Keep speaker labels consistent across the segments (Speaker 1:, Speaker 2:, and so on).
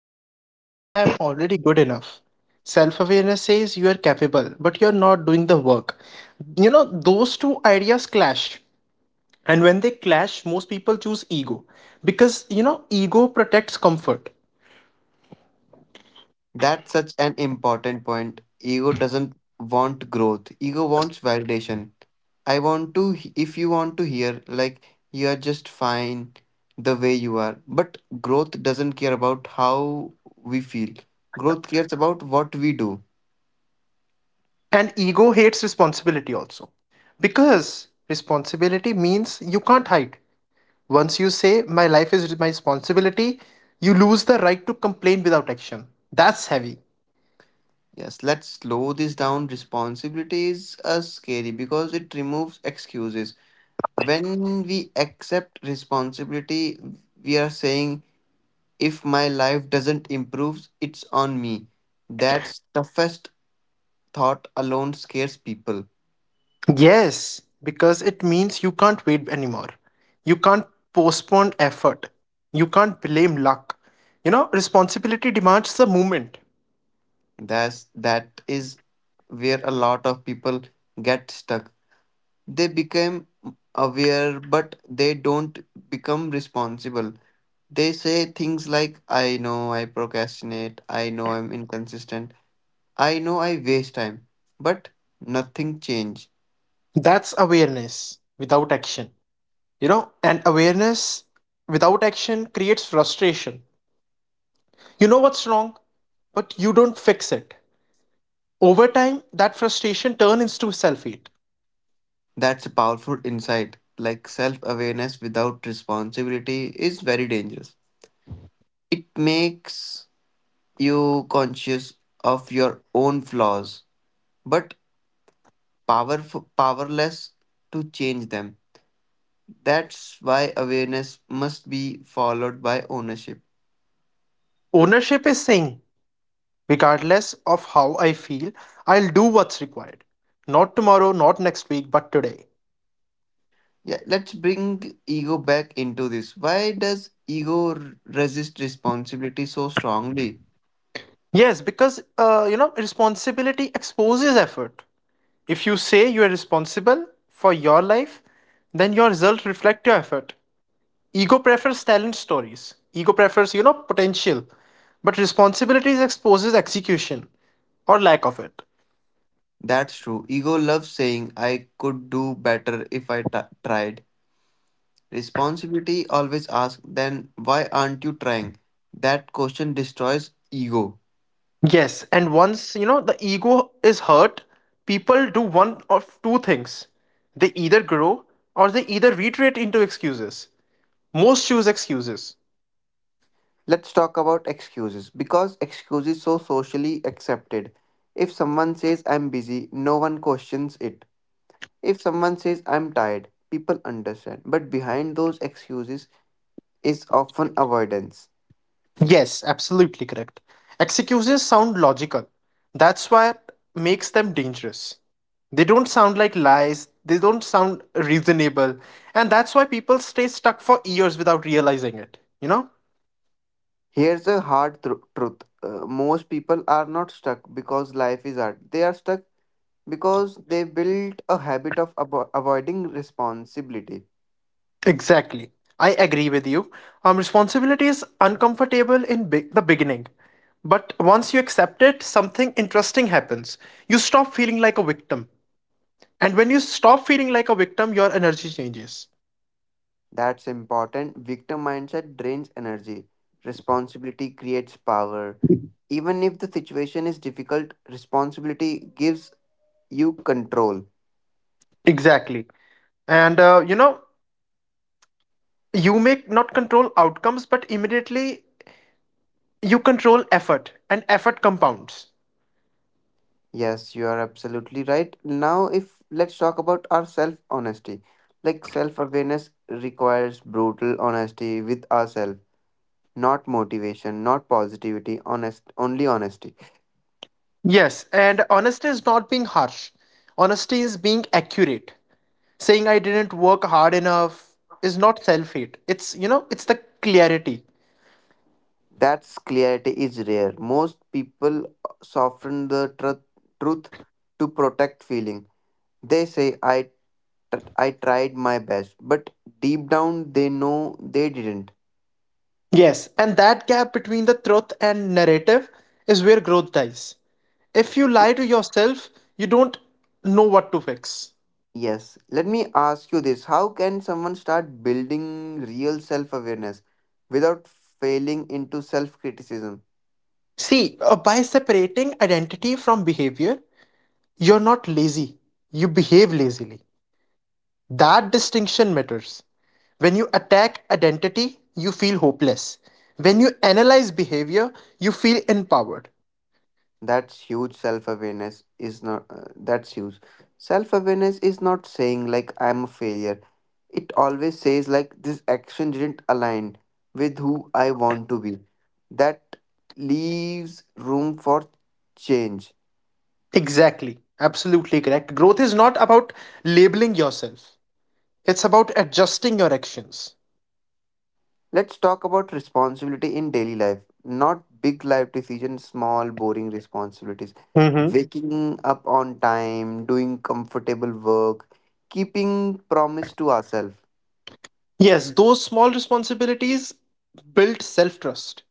Speaker 1: me, ego says I'm already good enough. Self-awareness says you are capable, but you're not doing the work. You know, those two ideas clash. And when they clash, most people choose ego because, you know, ego protects comfort
Speaker 2: That's such an important point. Ego doesn't want growth, ego wants validation. I want to, if you want to hear, like, you are just fine the way you are. But growth doesn't care about how we feel, growth cares about what we do.
Speaker 1: and ego hates responsibility also. Because responsibility means you can't hide. Once you say my life is my responsibility, you lose the right to complain without action. That's heavy.
Speaker 2: Yes, let's slow this down. Responsibility is scary because it removes excuses. When we accept responsibility, we are saying, if my life doesn't improve, it's on me. That's toughest thought alone scares people.
Speaker 1: Yes, because it means you can't wait anymore. You can't postpone effort. You can't blame luck. You know, responsibility demands the movement.
Speaker 2: That is where a lot of people get stuck. They become aware, but they don't become responsible. They say things like, I know I procrastinate, I know I'm inconsistent, I know I waste time, but nothing change.
Speaker 1: That's awareness without action. You know, and awareness without action creates frustration. You know what's wrong, but you don't fix it. Over time, that frustration turns into self hate.
Speaker 2: That's a powerful insight. Like, self awareness without responsibility is very dangerous. It makes you conscious of your own flaws, but powerless to change them. That's why awareness must be followed by ownership.
Speaker 1: Ownership is saying, regardless of how I feel, I'll do what's required. Not tomorrow, not next week, but today.
Speaker 2: Yeah, let's bring ego back into this. Why does resist responsibility so strongly?
Speaker 1: Yes, because you know, responsibility exposes effort. If you say you are responsible for your life, then your results reflect your effort. Ego prefers talent stories. Ego prefers, you know, potential. But responsibilities exposes execution or lack of it.
Speaker 2: That's true. Ego loves saying, I could do better if tried. Responsibility always asks, then why aren't you trying? That question destroys ego.
Speaker 1: Yes, and once, you know, the ego is hurt, people do one of two things. They either grow or they either retreat into excuses. Most choose excuses.
Speaker 2: Let's talk about excuses because excuses so socially accepted. If someone says I'm busy, no one questions it. If someone says I'm tired, people understand. But behind those excuses is often avoidance.
Speaker 1: Yes, absolutely correct. Excuses sound logical. That's what makes them dangerous. They don't sound like lies, they don't sound reasonable, and that's why people stay stuck for years without realizing it, you know?
Speaker 2: Here's a hard truth. Most people are not stuck because life is hard. They are stuck because they built a habit of avoiding responsibility.
Speaker 1: Exactly. I agree with you. Responsibility is uncomfortable in the beginning. But once you accept it, something interesting happens. You stop feeling like a victim. And when you stop feeling like a victim, your energy changes.
Speaker 2: That's important. Victim mindset drains energy. Responsibility creates power. Even if the situation is difficult, responsibility gives you control.
Speaker 1: Exactly. And you know, you may not control outcomes but immediately you control effort and effort compounds.
Speaker 2: Yes, you are absolutely right. Now, if let's talk about our self honesty. Like, self awareness requires brutal honesty with ourselves, not motivation, not positivity, honest, only honesty.
Speaker 1: Yes, and honesty is not being harsh. Honesty is being accurate. Saying I didn't work hard enough is not self-hate, it's, you know, it's the clarity.
Speaker 2: That's clarity is rare. Most people soften the truth to protect feeling. They say, I, I tried my best, but deep down they know they didn't.
Speaker 1: Yes, and that gap between the truth and narrative is where growth dies. If you lie to yourself, you don't know what to fix.
Speaker 2: Yes, let me ask you this. How can someone start building real self awareness without failing into self criticism?
Speaker 1: See, by separating identity from behavior. You're not lazy, you behave lazily. That distinction matters. When you attack identity, you feel hopeless. When you analyze behavior, you feel empowered.
Speaker 2: That's huge. Self awareness is not that's huge self awareness is not saying like, I'm a failure. It always says like, this action didn't align with who I want to be. That leaves room for change.
Speaker 1: Exactly. Absolutely correct. Growth is not about labeling yourself, it's about adjusting your actions.
Speaker 2: Let's talk about responsibility in daily life, not big life decisions, small boring responsibilities,
Speaker 1: Hmm.
Speaker 2: waking up on time, doing comfortable work, keeping promise to ourselves.
Speaker 1: Yes, those small responsibilities build self trust.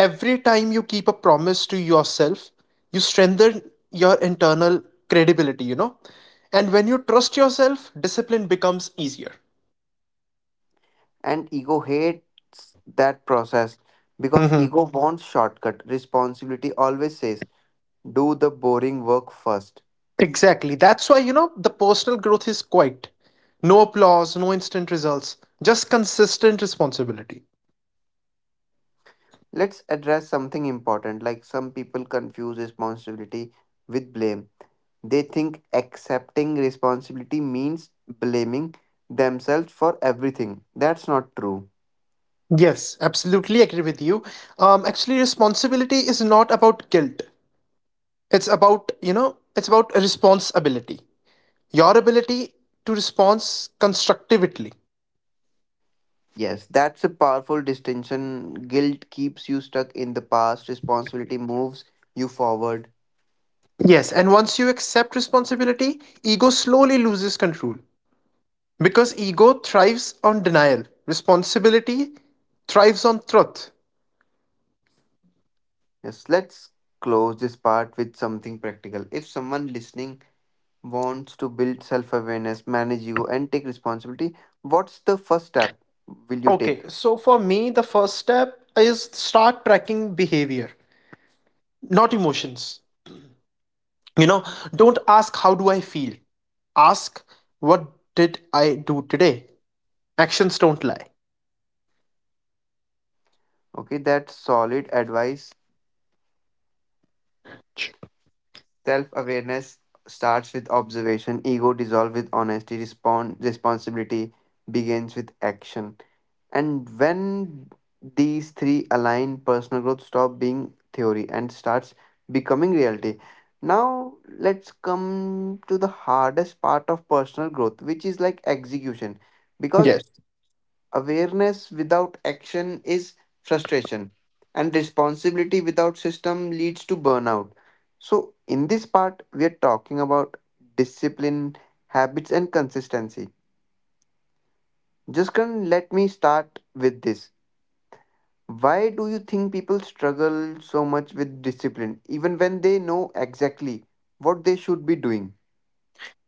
Speaker 1: Every time you keep a promise to yourself, you strengthen your internal credibility, you know? And when you trust yourself, discipline becomes easier.
Speaker 2: And ego hates that process because
Speaker 1: Hmm.
Speaker 2: ego wants shortcut. Responsibility always says, do the boring work first.
Speaker 1: Exactly. That's why, you know, the personal growth is quiet. No applause, no instant results, just consistent responsibility.
Speaker 2: Let's address something important. Like, some people confuse responsibility with blame. They think accepting responsibility means blaming themselves for everything. That's not true.
Speaker 1: Yes, absolutely agree with you. Actually, responsibility is not about guilt. It's about, you know, it's about responsibility. Your ability to respond constructively.
Speaker 2: Yes, that's a powerful distinction. Guilt keeps you stuck in the past, responsibility moves you forward.
Speaker 1: Yes, and once you accept responsibility, ego slowly loses control because ego thrives on denial, responsibility thrives on truth.
Speaker 2: Yes, let's close this part with something practical. If someone listening wants to build self awareness, manage ego, and take responsibility, what's the first step will you
Speaker 1: Okay,
Speaker 2: take?
Speaker 1: so for me, the first step is start tracking behavior, not emotions. You know, don't ask, how do I feel? Ask, what did I do today? Actions don't lie.
Speaker 2: Okay, that's solid advice. Self awareness starts with observation, ego dissolves with honesty, respond, responsibility begins with action. And when these three align, personal growth stops being theory and starts becoming reality. Now let's come to the hardest part of personal growth, which is like execution. Because
Speaker 1: Yes.
Speaker 2: awareness without action is frustration, and responsibility without system leads to burnout. So, in this part, we are talking about discipline, habits, and consistency. Just let me start with this. Why do you think people struggle so much with discipline, even when they know exactly what they should be doing?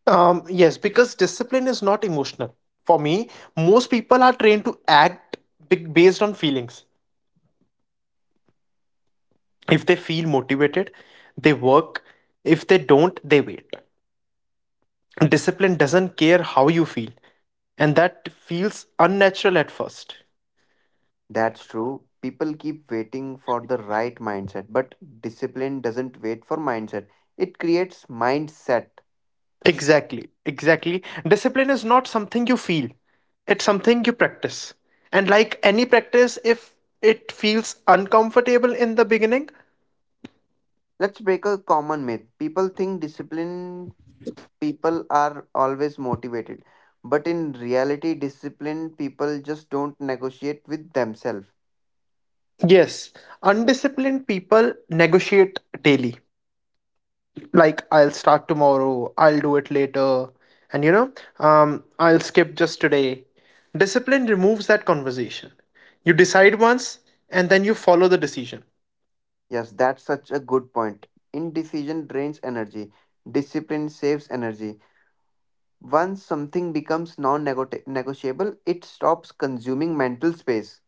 Speaker 1: Yes, because discipline is not emotional. For me, most people are trained to act based on feelings. If they feel motivated, they work. If they don't, they wait. Discipline doesn't care how you feel, and that feels unnatural at first.
Speaker 2: That's true. People keep waiting for the right mindset, but discipline doesn't wait for mindset. It creates mindset.
Speaker 1: Exactly, exactly. Discipline is not something you feel, it's something you practice. And like any practice, if it feels uncomfortable in the beginning,
Speaker 2: Let's break a common myth. People think disciplined people are always motivated, but in reality, disciplined people just don't negotiate with themselves.
Speaker 1: yes, undisciplined people negotiate daily. Like, I'll start tomorrow, I'll do it later, and you know, I'll skip just today. Discipline removes that conversation. You decide once and then you follow the decision.
Speaker 2: Yes, that's such a good point. Indecision drains energy, discipline saves energy. Once something becomes non negotiable, it stops consuming mental space.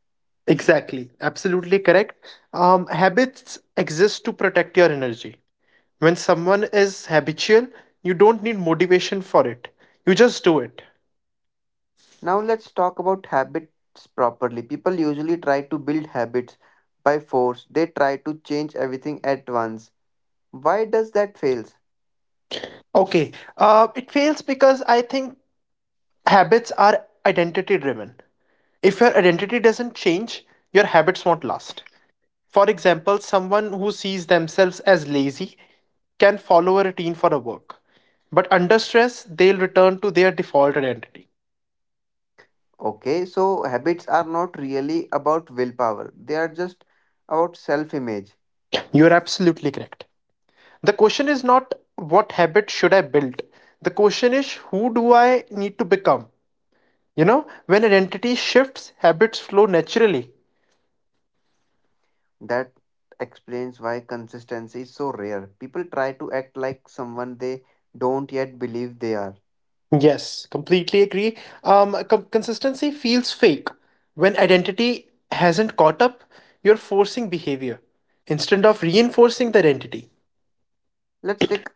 Speaker 1: Exactly, absolutely correct. Habits exist to protect your energy. When someone is habitual, you don't need motivation for it, you just do it.
Speaker 2: Now let's talk about habits properly. People usually try to build habits by force. They try to change everything at once. Why does that fails?
Speaker 1: Okay, it fails because I think habits are identity driven. If your identity doesn't change, your habits won't last. For example, someone who sees themselves as lazy can follow a routine for a work, but under stress, they'll return to their default identity.
Speaker 2: Okay, so habits are not really about willpower. They are just about self-image.
Speaker 1: You're absolutely correct. The question is not what habit should I build? The question is who do I need to become? You know, when identity shifts, habits flow naturally.
Speaker 2: That explains why consistency is so rare. People try to act like someone they don't yet believe they are.
Speaker 1: Yes, completely agree. Consistency feels fake. When identity hasn't caught up, you're forcing behavior instead of reinforcing the identity.
Speaker 2: Let's take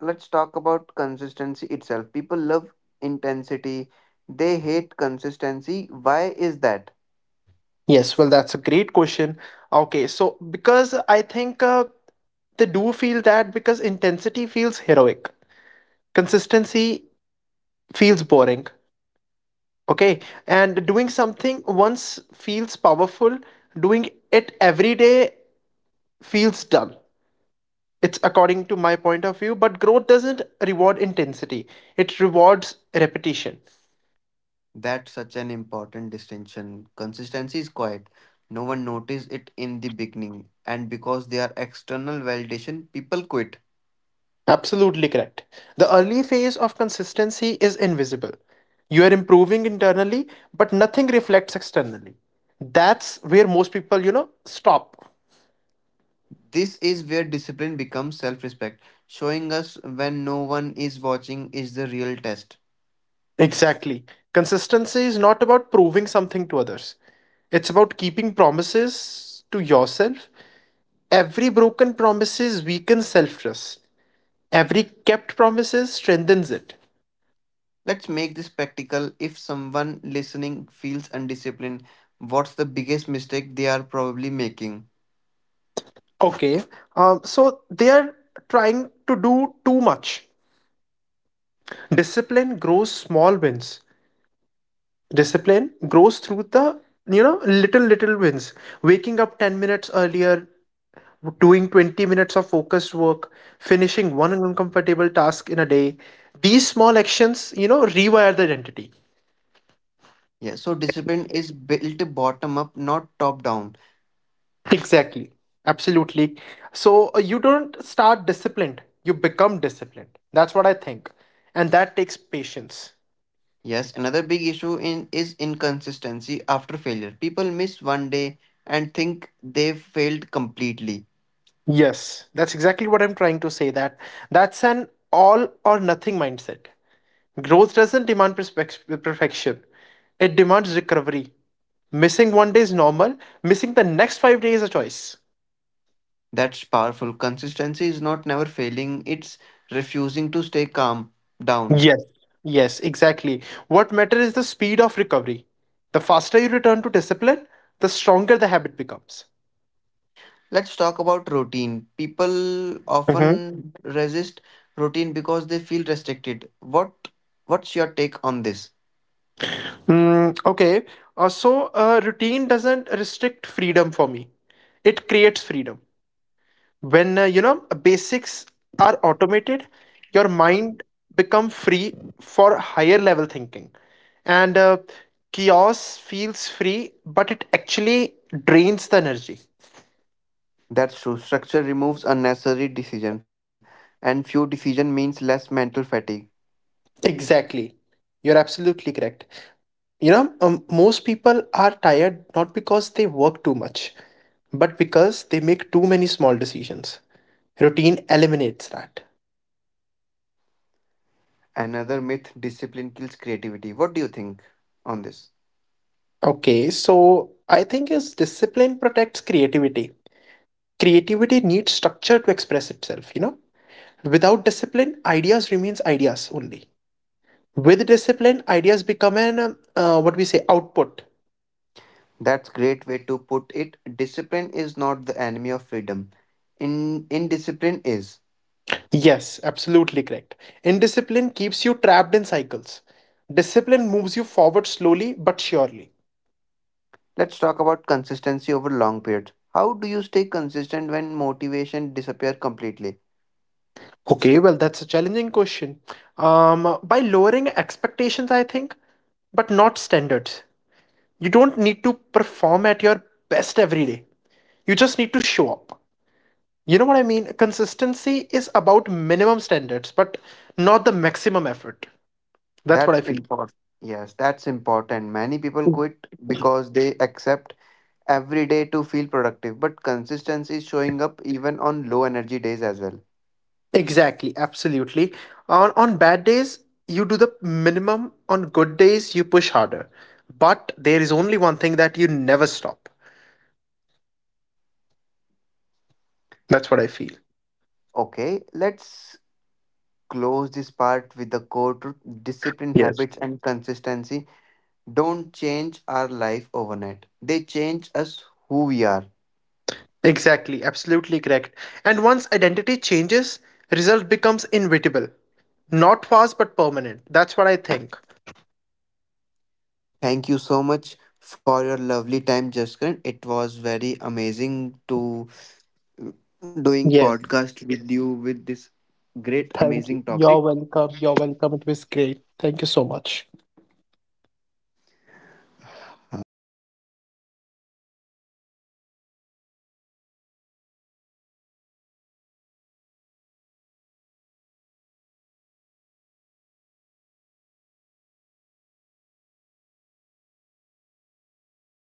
Speaker 2: let's talk about consistency itself. People love intensity, they hate consistency. Why is that?
Speaker 1: Yes, well, that's a great question. Okay, so because I think they do feel that because intensity feels heroic, consistency feels boring. Okay, and doing something once feels powerful, doing it every day feels dull. It's according to my point of view, but growth doesn't reward intensity, it rewards repetition.
Speaker 2: That's such an important distinction. Consistency is quiet. No one notices it in the beginning, and because they are external validation, people quit.
Speaker 1: Absolutely correct. The early phase of consistency is invisible. You are improving internally, but nothing reflects externally. That's where most people, you know, stop.
Speaker 2: This is where discipline becomes self respect. Showing us when no one is watching is the real test.
Speaker 1: Exactly. Consistency is not about proving something to others, it's about keeping promises to yourself. Every broken promises weakens self trust, every kept promises strengthens it.
Speaker 2: Let's make this practical. If someone listening feels undisciplined, what's the biggest mistake they are probably making?
Speaker 1: Okay. So they are trying to do too much. Discipline grows small wins. Discipline grows through the, you know, little wins. Waking up 10 minutes earlier, doing 20 minutes of focused work, finishing one uncomfortable task in a day. These small actions, you know, rewire the identity.
Speaker 2: Yeah, so discipline is built bottom up, not top down.
Speaker 1: Exactly. Absolutely. So you don't start disciplined, you become disciplined. That's what I think. And that takes patience.
Speaker 2: Yes, another big issue in is inconsistency after failure. People miss one day and think they've failed completely.
Speaker 1: Yes, that's exactly what I'm trying to say, that that's an all or nothing mindset. Growth doesn't demand perfection. It demands recovery. Missing one day is normal, missing the next 5 days is a choice.
Speaker 2: That's powerful. Consistency is not never failing, it's refusing to stay calm down.
Speaker 1: Yes. Yes, exactly. What matters is the speed of recovery. The faster you return to discipline, the stronger the habit becomes.
Speaker 2: Let's talk about routine. People
Speaker 1: Mhm.
Speaker 2: often resist routine because they feel restricted. What's your take on this?
Speaker 1: Mm, okay. So, routine doesn't restrict freedom for me, it creates freedom. When you know, basics are automated, your mind become free for higher level thinking. And chaos feels free but it actually drains the energy.
Speaker 2: That's true. Structure removes unnecessary decision, and few decision means less mental fatigue.
Speaker 1: Exactly, you're absolutely correct. You know, most people are tired not because they work too much but because they make too many small decisions. Routine eliminates that.
Speaker 2: Another myth: discipline kills creativity. What do you think on this?
Speaker 1: Okay, so I think is discipline protects creativity. Creativity needs structure to express itself, you know. Without discipline, ideas remains ideas only. With discipline, ideas become an what we say, output.
Speaker 2: That's great way to put it. Discipline is not the enemy of freedom. In indiscipline is.
Speaker 1: Yes, absolutely correct. Indiscipline keeps you trapped in cycles, discipline moves you forward slowly but surely.
Speaker 2: Let's talk about consistency over long period. How do you stay consistent when motivation disappear completely?
Speaker 1: Okay, well, that's a challenging question. um by lowering expectations, I think, but not standards. You don't need to perform at your best every day, you just need to show up. You know what I mean? Consistency is about minimum standards, but not the maximum effort. That's what I
Speaker 2: That's
Speaker 1: feel.
Speaker 2: important. Yes, that's important. Many people quit because they accept every day to feel productive, but consistency is showing up even on low energy days as well.
Speaker 1: Exactly, absolutely. On bad days, you do the minimum. On good days, you push harder. But there is only one thing that you never stop. That's what I feel.
Speaker 2: Okay, let's close this part with the core truth. Discipline,
Speaker 1: Yes.
Speaker 2: habits, and consistency don't change our life overnight, they change us who we are.
Speaker 1: Exactly, absolutely correct. And once identity changes, result becomes inevitable. Not fast but permanent. That's what I think.
Speaker 2: Thank you so much for your lovely time, Jaskran. It was very amazing to uh, doing
Speaker 1: Yes.
Speaker 2: podcast with you with this great
Speaker 1: Thank you.
Speaker 2: amazing
Speaker 1: You're
Speaker 2: topic.
Speaker 1: welcome. You're welcome. It was great. Thank you so much.
Speaker 2: Highway.